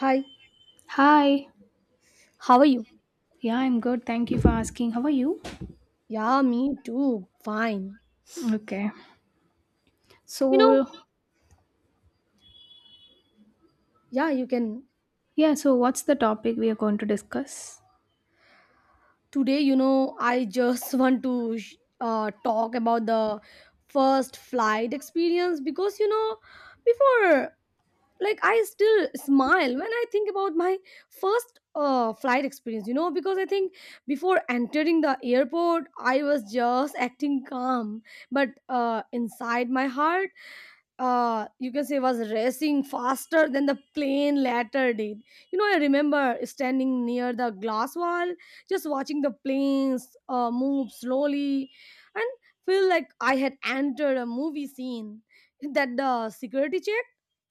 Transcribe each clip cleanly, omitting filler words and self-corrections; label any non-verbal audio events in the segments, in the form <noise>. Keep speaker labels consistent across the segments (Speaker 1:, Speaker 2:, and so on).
Speaker 1: Hi,
Speaker 2: Hi.
Speaker 1: how are you?
Speaker 2: Yeah, I'm good. Thank you for asking. How are you?
Speaker 1: Yeah, me too. Fine.
Speaker 2: Okay.
Speaker 1: You know,
Speaker 2: So,
Speaker 1: yeah, you can.
Speaker 2: yeah, so what's the topic we are going to discuss?
Speaker 1: Today, I just <laughs> want to talk about the first flight experience because, before, like, I still smile when I think about my first flight experience, because I think before entering the airport, I was just acting calm, but inside my heart, you can say was racing faster than the plane later did. You know, I remember standing near the glass wall, just watching the planes move slowly and feel like I had entered a movie scene. That the security check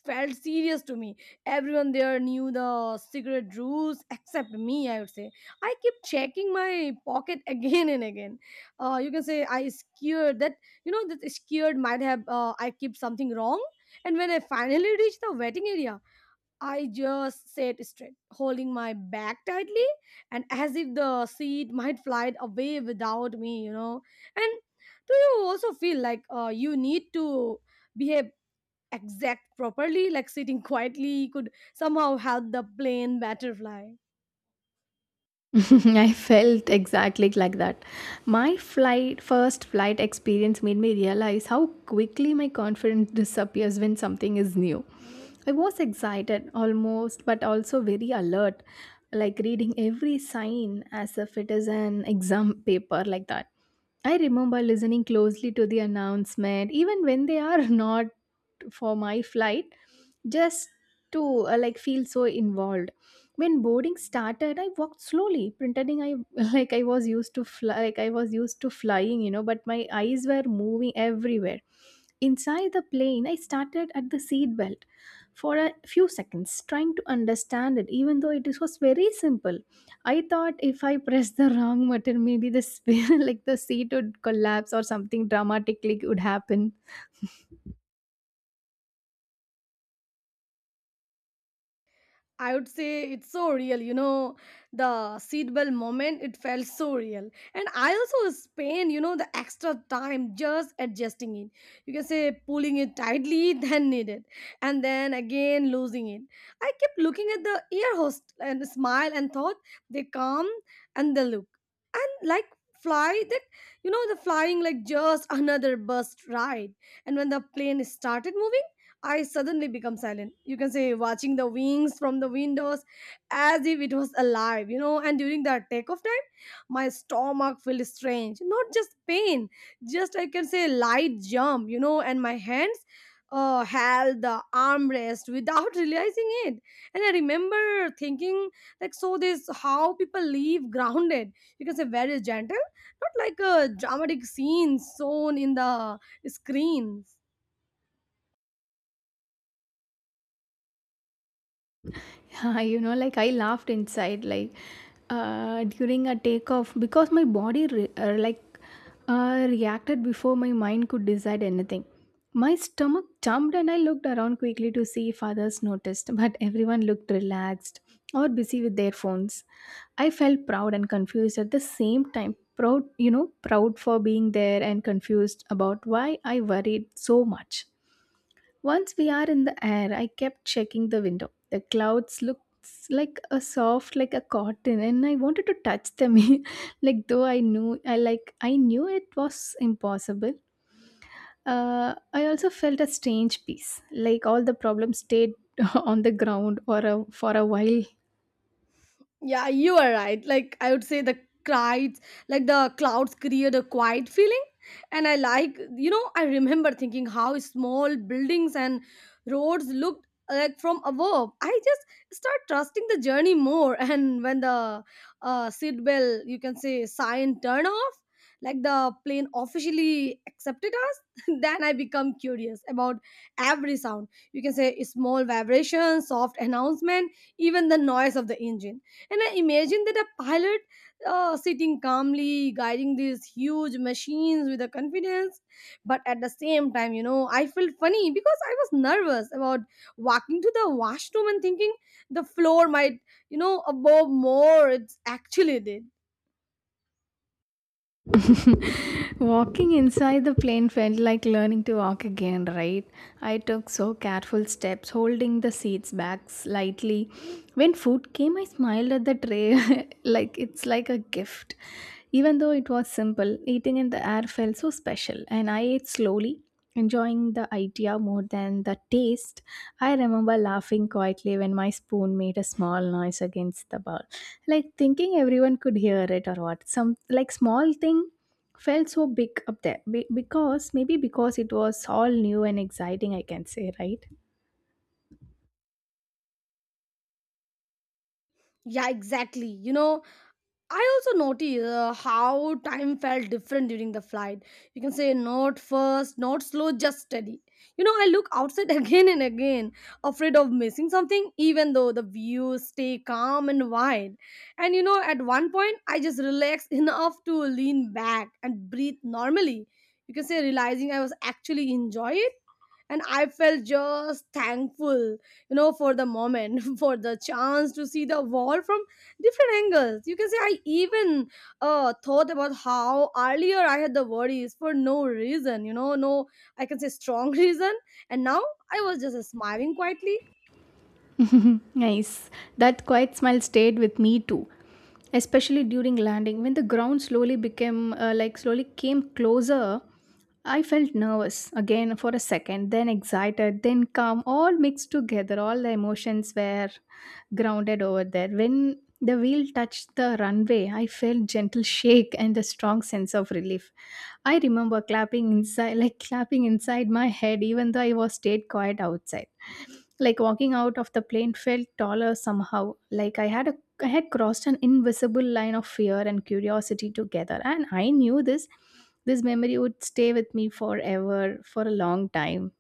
Speaker 1: felt serious to me. Everyone there knew the cigarette rules except me, I would say. I kept checking my pocket <laughs> again and again. You can say I scared that, that scared might have I keep something wrong. And when I finally <laughs> reached the waiting area, I just sat straight holding my back tightly, and as if the seat <laughs> might fly away without me, you know. And do you also feel like you need to behave exact properly, like sitting <laughs> quietly could somehow help the plane butterfly?
Speaker 2: <laughs> I felt exactly like that. My flight first flight experience made me realize how quickly my confidence disappears when something is new. I was excited almost but also very alert, like reading every sign as if it is an exam paper, like that. I remember listening closely to the announcement even when they are <laughs> not for my flight, just to like feel so involved. When boarding started, I walked slowly, pretending I <laughs> like I was used to flying, but my eyes were moving everywhere. Inside the plane, I started at the seat belt for a few seconds, trying to understand it even though it was very simple. I thought if I pressed the wrong button, maybe the sphere <laughs> like the seat would collapse or something dramatically would happen. <laughs>
Speaker 1: I would say it's so real, you know, the seatbelt moment, it felt so real. And I also spent, you know, the extra time just adjusting it. You can say pulling it tightly <laughs> than needed, and then again losing it. I kept looking at the ear host and smile and thought they come and they look. And like fly that, you know, the flying like just another bus ride. And when the plane started moving, I suddenly become silent. You can say watching the wings from the windows as if it was alive, you know. And during the takeoff time, my stomach felt strange. Not just pain, just I can say light jump, you know, and my hands held the armrest without <laughs> realizing it. And I remember thinking, like, so this how people live grounded. You can say very gentle, not like a dramatic scene shown in the screens.
Speaker 2: <laughs> Like I laughed inside, like during a takeoff, because my body like reacted before my mind could decide anything. My stomach jumped, and I looked around quickly to see if others noticed, <laughs> but everyone looked relaxed or busy with their phones. I felt proud and confused at the same time, proud, proud for being there, and confused about why I worried so much. Once we are in the air, I kept checking the window. The clouds looked like a soft, like a cotton, and I wanted to touch them, <laughs> like, though I knew it was impossible. I also felt a strange peace, like all the problems stayed <laughs> on the ground, or for a while.
Speaker 1: Yeah, you are right. Like I would say the clouds, like the clouds create a quiet feeling. And I like, you know, I remember thinking how small buildings and roads looked like from above. I just start trusting the journey more. <laughs> And when the seat bell, you can say sign turn off, like the plane officially accepted us, <laughs> then I become curious about every sound. You can say small vibrations, soft announcement, even the noise of the engine. And I imagine that a pilot sitting calmly, guiding these huge machines with a confidence. But at the same time, you know, I felt funny because I was nervous about walking to the washroom and thinking the floor might, you know, above more. It's actually did.
Speaker 2: <laughs> Walking inside the plane felt like learning to walk again, right? I took so careful steps, holding the seats back slightly. When food came, I smiled at the tray, <laughs> like it's like a gift. Even though it was simple, eating in the air felt so special, and I ate slowly, enjoying the idea more than the taste. I remember laughing quietly when my spoon made a small noise against the bowl, like thinking everyone could hear it. Or what, some like small thing felt so big up there. Because maybe because it was all new and exciting, I can say, right?
Speaker 1: Yeah, exactly. You know, I also noticed how time felt different during the flight. You can say not first, not slow, just steady. You know, I look outside <laughs> again and again, afraid of missing something, even though the views stay calm and wide. And you know, at one point, I just relaxed <laughs> enough to lean back and breathe normally. You can say realizing I was actually enjoy it, and I felt just thankful, you know, for the moment, <laughs> for the chance to see the world from different angles. You can say I even thought about how earlier I had the worries for no reason, you know, no, I can say strong <laughs> reason. And now I was just smiling quietly.
Speaker 2: <laughs> Nice. That quiet smile stayed with me too, especially during landing. When the ground slowly came closer, I felt nervous again for a second, then excited, then calm, all mixed together. All the emotions were grounded over there. When the wheel touched the runway, I felt gentle shake and a strong sense of relief. I remember clapping inside, like clapping inside my head, even though I was stayed quiet outside. Like walking out of the plane felt taller somehow. Like I had crossed an invisible line of fear and curiosity together. And I knew this memory would stay with me forever for a long time.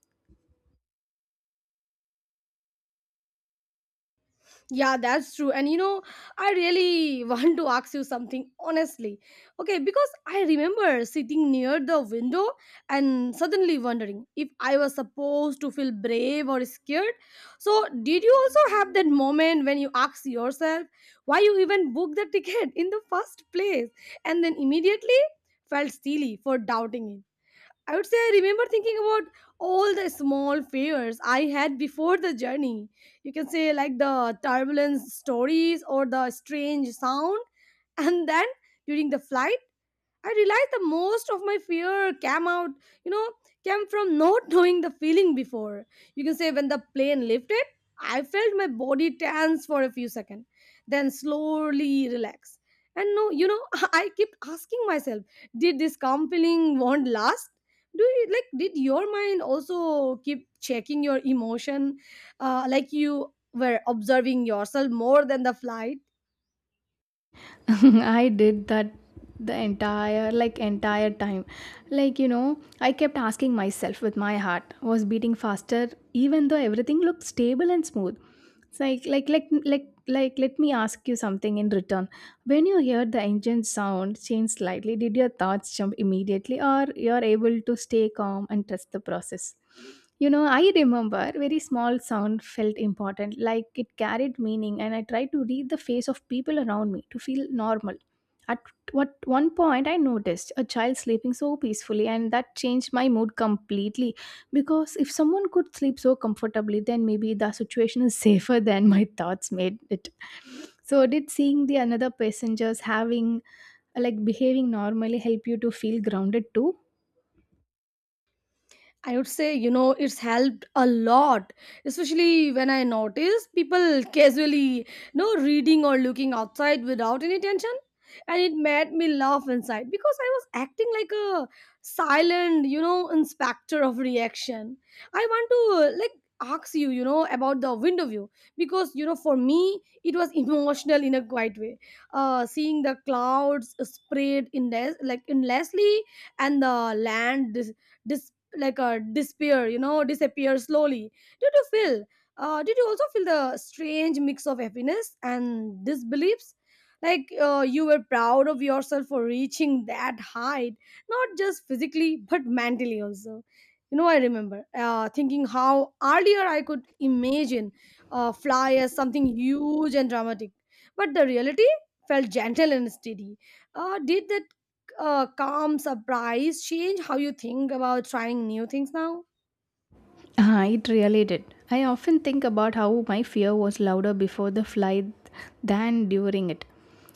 Speaker 1: Yeah, that's true. And you know, I really <laughs> want to ask you something honestly. Okay, because I remember sitting near the window and suddenly wondering if I was supposed to feel brave or scared. So, did you also have that moment when you ask yourself why you even booked the <laughs> ticket in the first place and then immediately felt silly for doubting it? I would say I remember thinking about all the small fears I had before the journey. You can say like the turbulence stories or the strange sound. And then during the flight, I realized the most of my fear came out, you know, came from <laughs> not knowing the feeling before. You can say when the plane lifted, I felt my body tense for a few seconds, then slowly relax. And no, you know, <laughs> I kept asking myself, did this calm feeling won't last? Do you like did your mind also keep checking your emotion? Like you were observing yourself more than the flight?
Speaker 2: <laughs> I did that the entire time. Like, you know, I kept asking myself with my heart was beating faster even though everything looked stable and smooth. It's like let me ask you something in return. When you heard the engine sound change slightly, did your thoughts jump immediately, or you're able to stay calm and trust the process? You know, I remember very small sound felt important, like it carried meaning, and I tried to read the face of people around me to feel normal. At what one point, I noticed a child sleeping so peacefully, and that changed my mood completely. Because if someone could sleep so comfortably, then maybe the situation is safer than my thoughts made it. So, did seeing the another passengers having like behaving normally help you to feel grounded too?
Speaker 1: I would say, you know, it's helped a lot, especially when I notice people casually, you know, reading or looking outside without any tension. And it made me laugh inside because I was acting like a silent, you know, inspector of reaction. I want to, like, ask you, you know, about the window view because, you know, for me, it was <laughs> emotional in a quiet way. Seeing the clouds spread in, like, endlessly and the land dis- disappear, you know, disappear slowly. Did you feel did you also feel the strange mix of happiness and disbeliefs, like you were proud of yourself for reaching that height, not just physically but mentally also. You know, I remember thinking how earlier I could imagine fly as something huge and dramatic, but the reality felt gentle and steady. Did that calm surprise change how you think about trying new things now?
Speaker 2: Ah, it really did. I often think about how my fear was louder before the flight than during it,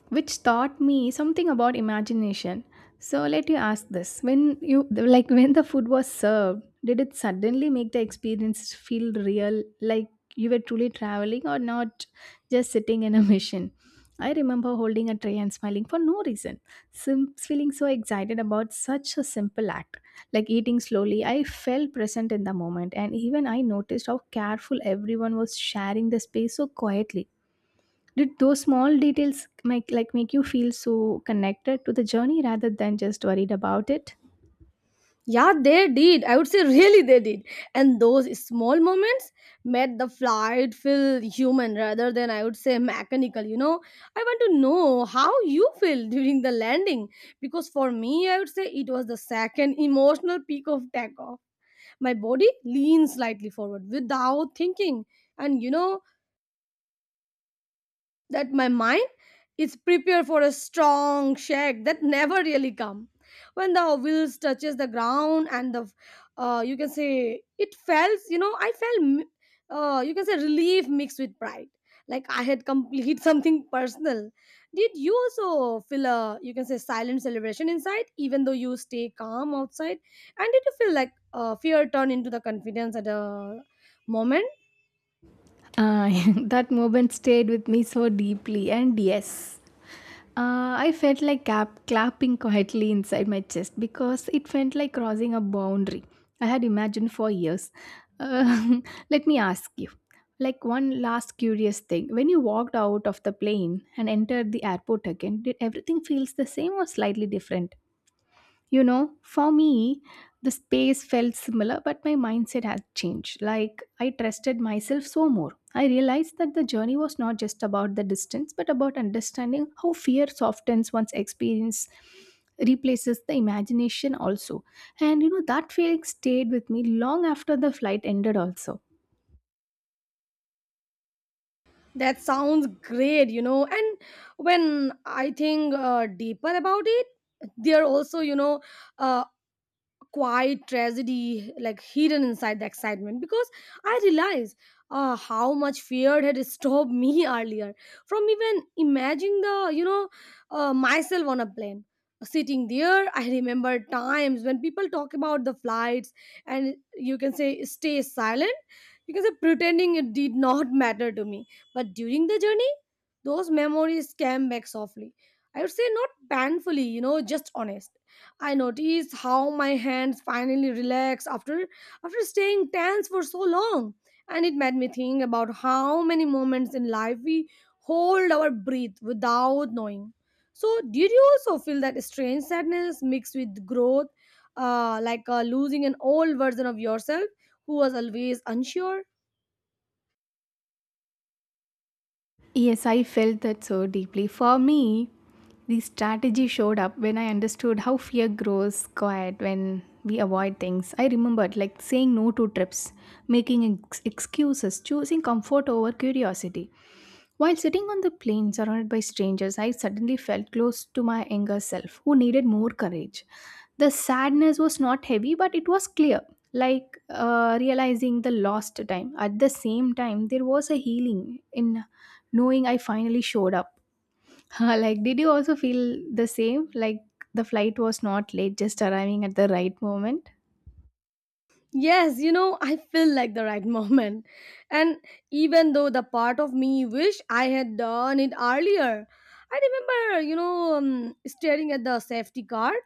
Speaker 2: which taught me something about imagination. So let you ask this: when you like when the food was served, did it suddenly make the experience feel real, like you were truly traveling, or not just sitting in a mission? I remember holding a tray and smiling for no reason, feeling so excited about such a simple act, like eating slowly. I felt present in the moment, and even I noticed how careful everyone was sharing the space so quietly. Did those small details make you feel so connected to the journey rather than just worried about it?
Speaker 1: Yeah, they did. I would say <laughs> really they did. And those small moments made the flight feel human rather than I would say mechanical, you know. I want to know how you feel <laughs> during the landing because for me I would say it was the second emotional peak of takeoff. My body leans slightly forward without thinking. And you know, that my mind is prepared for a strong shake that never really come. When the wheels touches the ground and the you can say it felt, you know, I felt you can say relief mixed with pride, like I had complete <laughs> something personal. Did you also feel a you can say silent celebration inside even though you stay calm outside? And did you feel like fear turn into the confidence at a moment?
Speaker 2: Uh, <laughs> that moment stayed with me so deeply, and yes, I felt like clapping quietly inside my chest because it felt like crossing a boundary I had imagined for years. Uh, <laughs> Let me ask you, like, one last curious thing: when you walked out of the plane and entered the airport again, did everything feels the same or slightly different? You know, for me, the space felt similar, but my mindset had changed. Like, I trusted myself so more. I realized that the journey was not just about the distance, but about understanding how fear softens one's experience, replaces the imagination also. And you know, that feeling stayed with me long after the flight ended, also.
Speaker 1: That sounds great, you know. And when I think deeper about it, there also, you know, uh, quiet tragedy like hidden inside the excitement, because I realize how much fear had stopped me <laughs> earlier from even imagining the, you know, myself on a plane sitting there. I remember times when people talk about the flights and you can say stay silent, you can say pretending it did <laughs> not matter to me. But during the journey, those memories came back softly. I would say not painfully, you know, just honest. I noticed how my hands finally relaxed after staying tense for so long, and it made me think about how many moments in life we hold our breath without knowing. So, did you also feel that strange sadness mixed with growth, like losing an old version of yourself who was always unsure?
Speaker 2: Yes, I felt that so deeply. For me, the strategy showed up when I understood how fear grows quiet when we avoid things. I remembered, like, saying no to trips, making excuses, choosing comfort over curiosity. While sitting on the plane surrounded by strangers, I suddenly felt close to my younger self who needed more courage. The sadness was not heavy, but it was clear, like realizing the lost time. At the same time, there was a healing in knowing I finally showed up. <laughs> Like, did you also feel the same, like the flight was not late, just arriving at the right moment?
Speaker 1: Yes, you know, I feel like the right <laughs> moment. And even though the part of me wish I had done it earlier, I remember, you know, staring at the safety card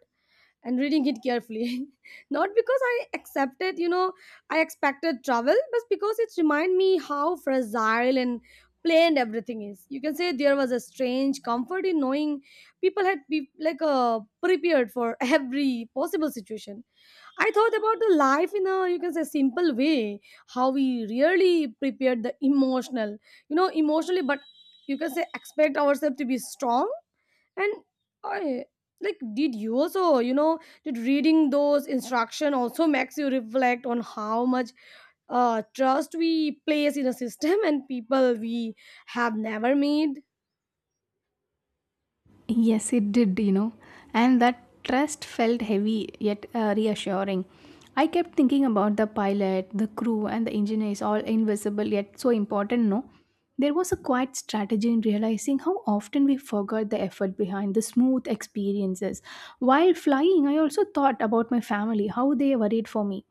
Speaker 1: and reading it carefully. <laughs> Not because I accepted, you know, I expected trouble, but because it reminded me how fragile and plain everything is. You can say there was a strange comfort in knowing people had be like prepared for <laughs> every possible situation. I thought about the life in a you can say simple way, how we really prepared the emotional, you know, emotionally, but you can say expect ourselves to be strong. And I like, did you also, you know, did reading those instruction also makes you reflect on how much trust we place in a system and people we have never made?
Speaker 2: Yes, it did, you know, and that trust felt heavy yet reassuring. I kept thinking about the pilot, the crew, and the engineers, all invisible yet so important, no? There was a quiet strategy in realizing how often we forgot the effort behind the smooth experiences. While flying, I also thought about my family, how they worried for me,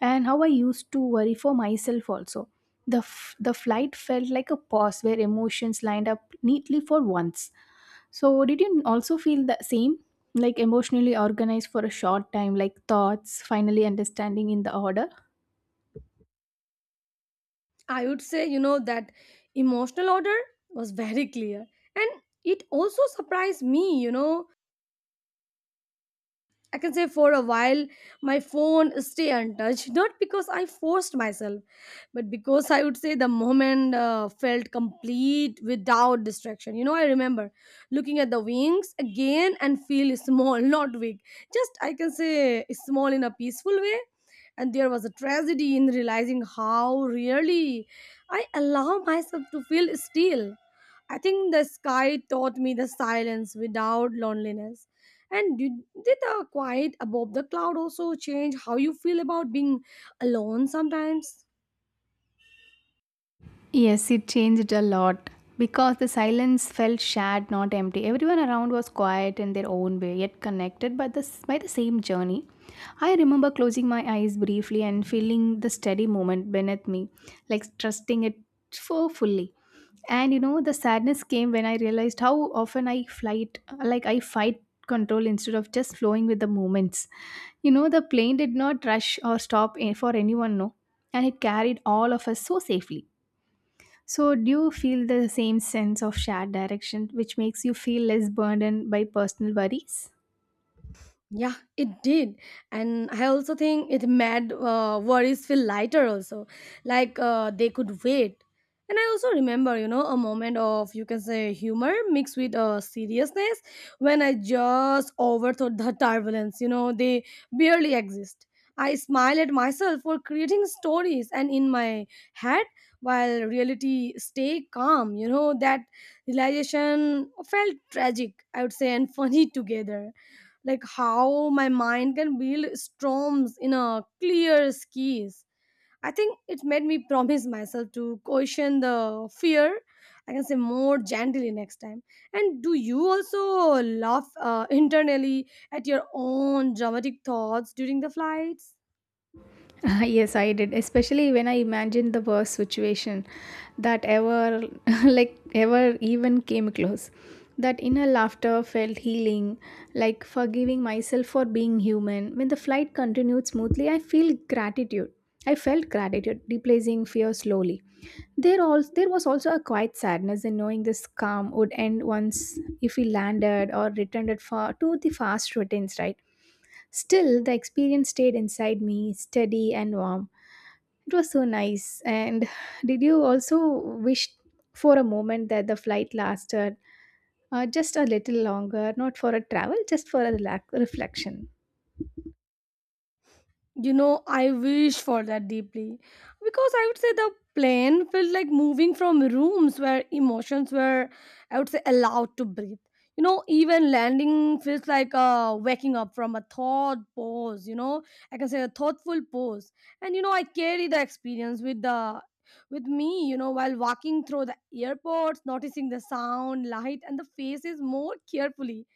Speaker 2: and how I used to worry for myself also. The flight felt like a pause where emotions lined up neatly for once. So, did you also feel the same? Like emotionally organized for a short time, like thoughts finally understanding in the order?
Speaker 1: I would say, you know, that emotional order was very clear. And it also surprised me, you know, I can say for a while my phone stay untouched, <laughs> not because I forced myself, but because I would say the moment felt complete without distraction. You know, I remember looking at the wings again and feel small, <laughs> not big, just I can say small in a peaceful way. And there was a tragedy in realizing how really I allow myself to feel still. I think the sky taught me the silence without loneliness. And did the quiet above the cloud also change how you feel about being alone sometimes?
Speaker 2: Yes, it changed a lot because the silence felt shared, not empty. Everyone around was quiet in their own way, yet connected by the same journey. I remember closing my eyes briefly and feeling the steady movement beneath me, like trusting it so fully. And you know, the sadness came when I realized how often I flight, like I fight control instead of just flowing with the moments. You know, the plane did not rush or stop for anyone, no, and it carried all of us so safely. So, do you feel the same sense of shared direction, which makes you feel less burdened by personal worries?
Speaker 1: Yeah, it did. And I also think it made worries feel lighter, also. Like they could wait. And I also remember, you know, a moment of, you can say, humor mixed with seriousness when I just overthought the turbulence. You know, they barely exist. I smile at myself for creating stories and in my head while reality stay calm. You know, that realization felt tragic, I would say, and <laughs> funny together, like how my mind can build storms in a clear skies. I think it made me promise myself to question the fear. I can say more gently next time. And do you also laugh internally at your own dramatic thoughts during the flights?
Speaker 2: <laughs> Yes, I did. Especially when I imagined the worst situation that ever, <laughs> like, ever even came close. That inner laughter felt healing, like forgiving myself for being human. When the flight continued smoothly, I feel gratitude. I felt gratitude, replacing fear slowly. There was also a quiet sadness in knowing this calm would end once if we landed or returned it far to the fast routines, right? Still, the experience stayed inside me, steady and warm. It was so nice. And <sighs> did you also wish for a moment that the flight lasted, just a little longer, not for a travel, just for a reflection?
Speaker 1: You know, I wish for that deeply. Because I would say the plane felt like moving from rooms where emotions were, I would say, allowed to breathe. You know, even landing feels like waking up from a thought pose, you know, I can say a thoughtful pose. And, you know, I carry the experience with me, you know, while walking through the airports, noticing the sound, light, and the faces more carefully.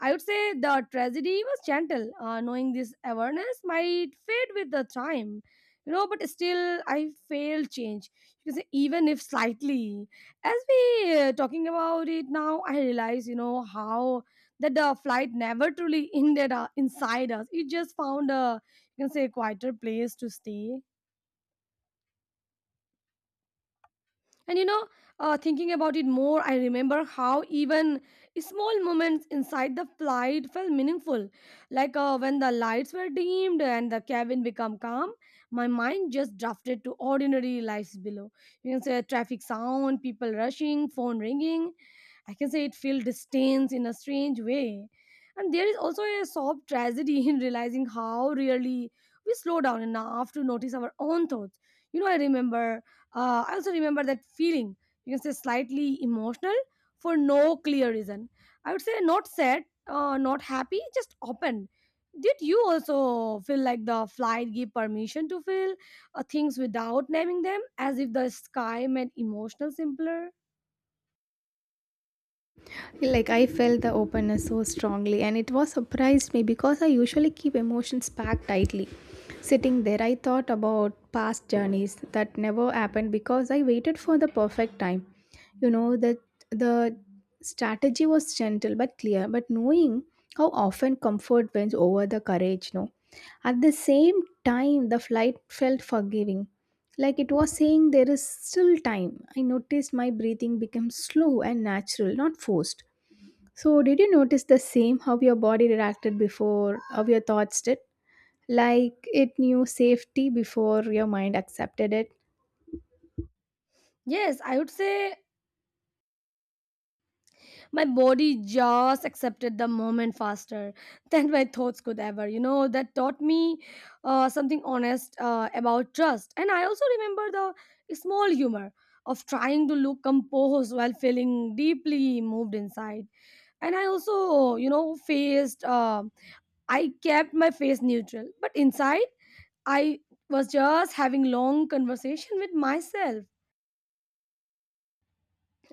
Speaker 1: I would say the tragedy was gentle. Knowing this awareness might fade with the time, you know, but still I failed change. You can say even if slightly. As we talking about it now, I realize, you know, how that the flight never truly <laughs> ended inside us. It just found a, you can say, quieter place to stay. And you know, thinking about it more, I remember how even small moments inside the flight felt meaningful. Like when the lights were dimmed and the cabin became calm, my mind just drifted to ordinary lives below. You can say traffic sound, people rushing, phone ringing. I can say it feels distance in a strange way. And there is also a soft tragedy <laughs> in realizing how really we slow down enough to notice our own thoughts. You know, I remember I also remember that feeling, you can say slightly emotional for no clear reason. I would say not sad, not happy, just open. Did you also feel like the flight gave permission to feel things without naming them, as if the sky made emotional simpler?
Speaker 2: Like I felt the openness so strongly, and it was surprised me because I usually keep emotions packed tightly. Sitting there, I thought about past journeys that never happened because I waited for the perfect time. You know that the strategy was gentle but clear, but knowing how often comfort wins over the courage, no? At the same time, the flight felt forgiving, like it was saying there is still time. I noticed my breathing became slow and natural, not forced. So, did you notice the same, how your body reacted before, how your thoughts did? Like it knew safety before your mind accepted it?
Speaker 1: Yes, I would say my body just accepted the moment faster <laughs> than my thoughts could ever. You know, that taught me something honest about trust. And I also remember the small humor of trying to look composed while feeling deeply moved inside. And I also, you know, faced I kept my face neutral, but inside I was just having long conversation with myself.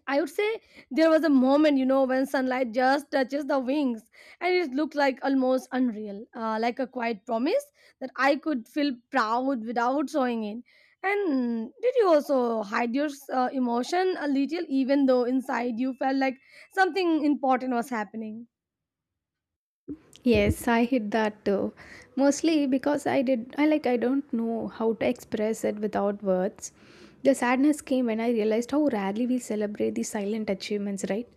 Speaker 1: I would say there was a moment, you know, when sunlight just touches the wings, and it looked like almost unreal, like a quiet promise that I could feel proud without showing it. And did you also hide your emotion a little, even though inside you felt like something important was happening?
Speaker 2: Yes, I hit that too. Mostly because I did I like I don't know how to express it without words. The sadness came when I realized how rarely we celebrate the silent achievements, right?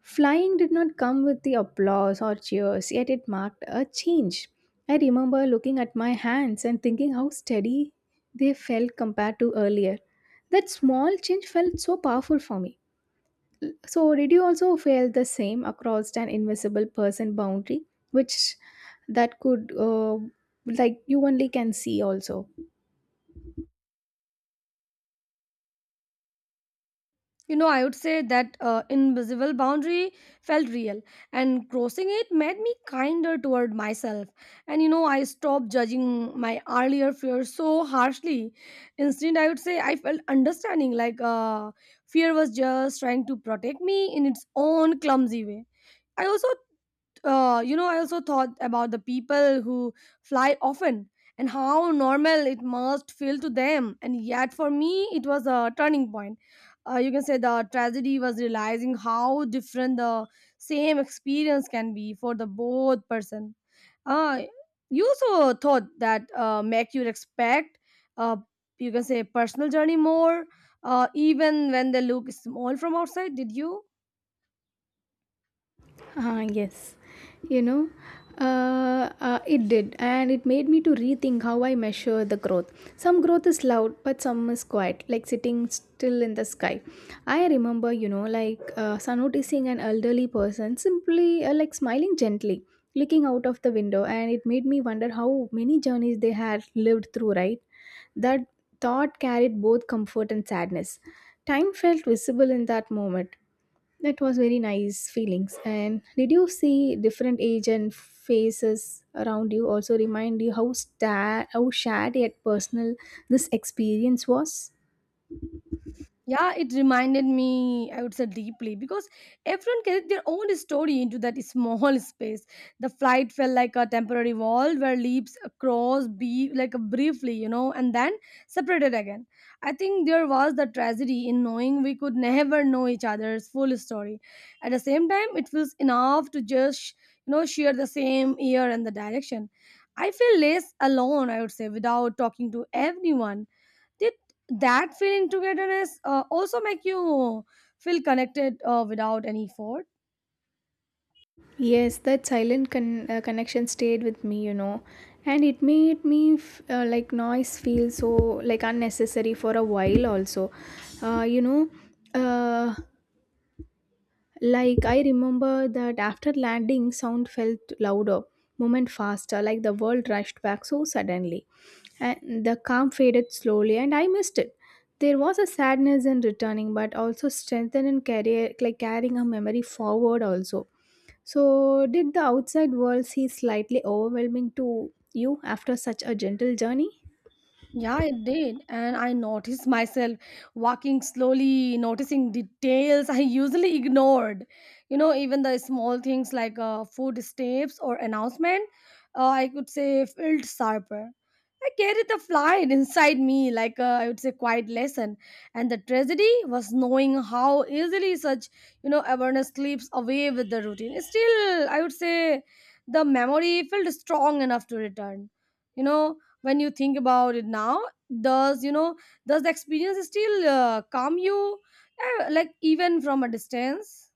Speaker 2: Flying did not come with the applause or cheers, yet it marked a change. I remember looking at my hands and thinking how steady they felt compared to earlier. That small change felt so powerful for me. So, did you also feel the same across an invisible person boundary, which that could, like, you only can see also?
Speaker 1: You know, I would say that invisible boundary felt real, and crossing it made me kinder toward myself. And you know, I stopped judging my earlier fears so harshly. Instead, I would say I felt understanding, like fear was just trying to protect me in its own clumsy way. I also, you know, I also thought about the people who fly often and how normal it must feel to them. And yet, for me, it was a turning point. You can say the tragedy was realizing how different the same experience can be for the both person. Uh, you also thought that make you respect, uh, you can say, personal journey more, even when they look small from outside. Did you?
Speaker 2: Ah, yes. You know, it did, and it made me to rethink how I measure the growth. Some growth is loud, but some is quiet, like sitting still in the sky. I remember, you know, noticing an elderly person simply like smiling gently, looking out of the window, and it made me wonder how many journeys they had lived through, right? That thought carried both comfort and sadness. Time felt visible in that moment that was very nice feelings. And did you see different age and faces around you also remind you how shared yet personal this experience was?
Speaker 1: Yeah, it reminded me, I would say, deeply, because everyone carried their own story into that small <laughs> space. The flight felt like a temporary wall where leaps crossed be like briefly, you know, and then separated again. I think there was the tragedy in knowing we could never know each other's full story. At the same time, it feels enough to just, you know, share the same year and the direction. I feel less alone, I would say, without talking to everyone. Did that feeling togetherness also make you feel connected without any effort?
Speaker 2: Yes, that silent connection stayed with me, you know, and it made me like noise feel so like unnecessary for a while also. Uh, you know, uh, Like I remember that after landing, sound felt louder, movement faster, like the world rushed back so suddenly. And the calm faded slowly, and I missed it. There was a sadness in returning, but also strength in carry, like carrying a memory forward. Also, so did the outside world seem slightly overwhelming to you after such a gentle journey?
Speaker 1: Yeah, it did. And I noticed myself walking slowly, noticing details I usually ignored. You know, even the small things like footsteps or announcement, I could say, felt sharper. I carried the flight inside me like a, I would say, quiet lesson. And the tragedy was knowing how easily such, you know, awareness slips away with the routine. Still, I would say the memory felt strong enough to return. You know, when you think about it now, does, you know, does the experience still calm you, like even from a distance?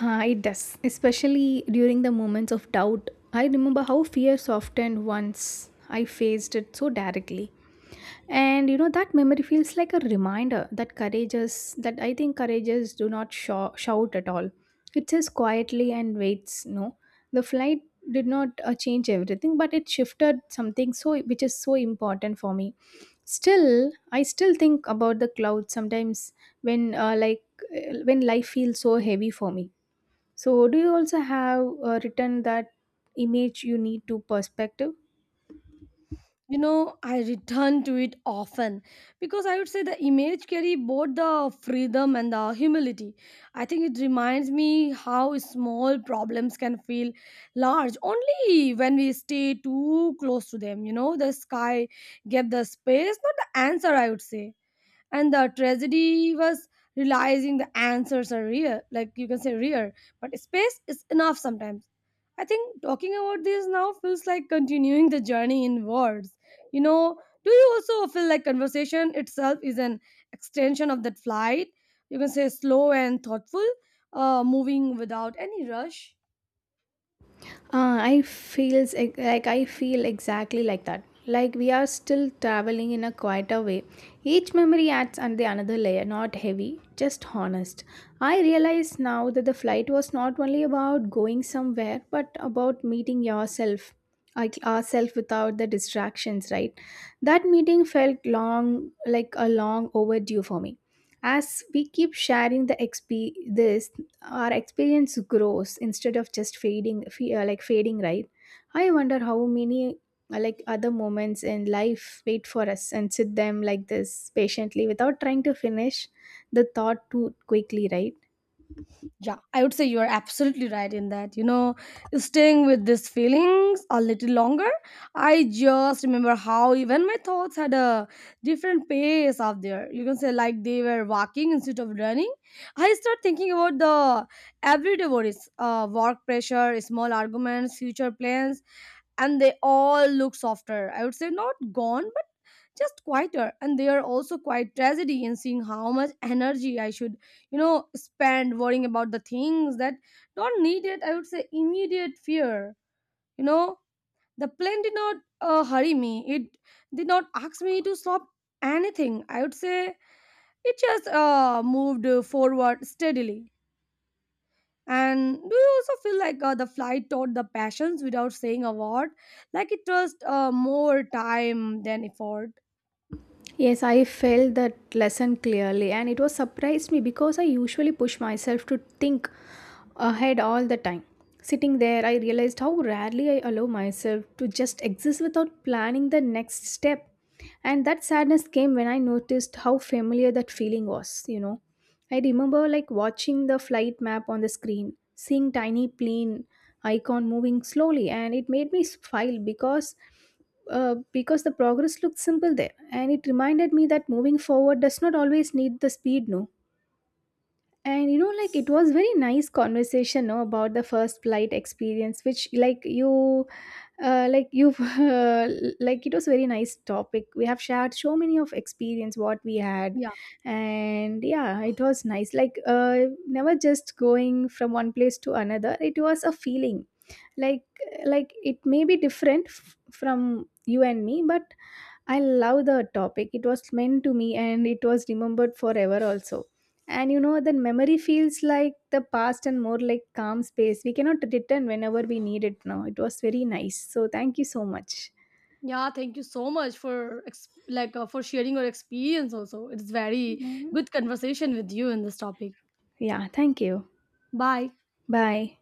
Speaker 2: Ah, it does, especially during the moments of doubt. I remember how fear softened once I faced it so directly. And you know, that memory feels like a reminder that courageous, that I think courageous do not shout at all. It says quietly and waits, no. The flight did not change everything, but it shifted something so which is so important for me. Still, I still think about the clouds sometimes when when life feels so heavy for me. So, do you also have written that image you need to perspective?
Speaker 1: You know, I return to it often, because I would say the image carry both the freedom and the humility. I think it reminds me how small problems can feel large only when we stay too close to them. You know, the sky gave the space, not the answer, I would say. And the tragedy was realizing the answers are real, like, you can say, rare, but space is enough sometimes. I think talking about this now feels like continuing the journey in words. You know, do you also feel like conversation itself is an extension of that flight, you can say slow and thoughtful, moving without any rush?
Speaker 2: I feel exactly like that. Like we are still traveling in a quieter way. Each memory adds on the another layer, not heavy, just honest. I realize now that the flight was not only about going somewhere, but about meeting yourself, like ourself without the distractions. Right? That meeting felt long, like a long overdue for me. As we keep sharing this, our experience grows instead of just fading fe- like fading, right? I wonder how many like other moments in life wait for us and sit them like this patiently without trying to finish the thought too quickly, right?
Speaker 1: Yeah, I would say you are absolutely right in that. You know, staying with these feelings a little longer, I just remember how even my thoughts had a different pace out there. You can say, like, they were walking instead of running. I start thinking about the everyday worries, work pressure, small arguments, future plans, and they all look softer. I would say not gone, but just quieter. And they are also quite tragedy in seeing how much energy I should, you know, spend worrying about the things that don't need it. I would say immediate fear. You know, the plane did not hurry me. It did not ask me to stop anything. I would say it just moved forward steadily. And do you also feel like the flight taught the passions without saying a word? Like it just more time than effort.
Speaker 2: Yes, I felt that lesson clearly, and it was surprised me because I usually push myself to think ahead all the time. Sitting there, I realized how rarely I allow myself to just exist without planning the next step. And that sadness came when I noticed how familiar that feeling was, you know. I remember like watching the flight map on the screen, seeing tiny plane icon moving slowly, and it made me smile because the progress looked simple there, and it reminded me that moving forward does not always need the speed, no. And you know, like it was very nice conversation, no, about the first flight experience, which like you've <laughs> it was very nice topic we have shared so many of experience what we had.
Speaker 1: Yeah,
Speaker 2: And yeah, it was nice, never just going from one place to another. It was a feeling like like it may be different from you and me, but I love the topic. It was meant to me, and it was remembered forever also. And you know, the memory feels like the past and more like calm space. We cannot return whenever we need it now. It was very nice. So, thank you so much.
Speaker 1: yeah. Thank you so much for for sharing your experience. Also, it's very
Speaker 2: Mhm.
Speaker 1: good conversation with you in this topic.
Speaker 2: Yeah, thank you.
Speaker 1: Bye.
Speaker 2: Bye.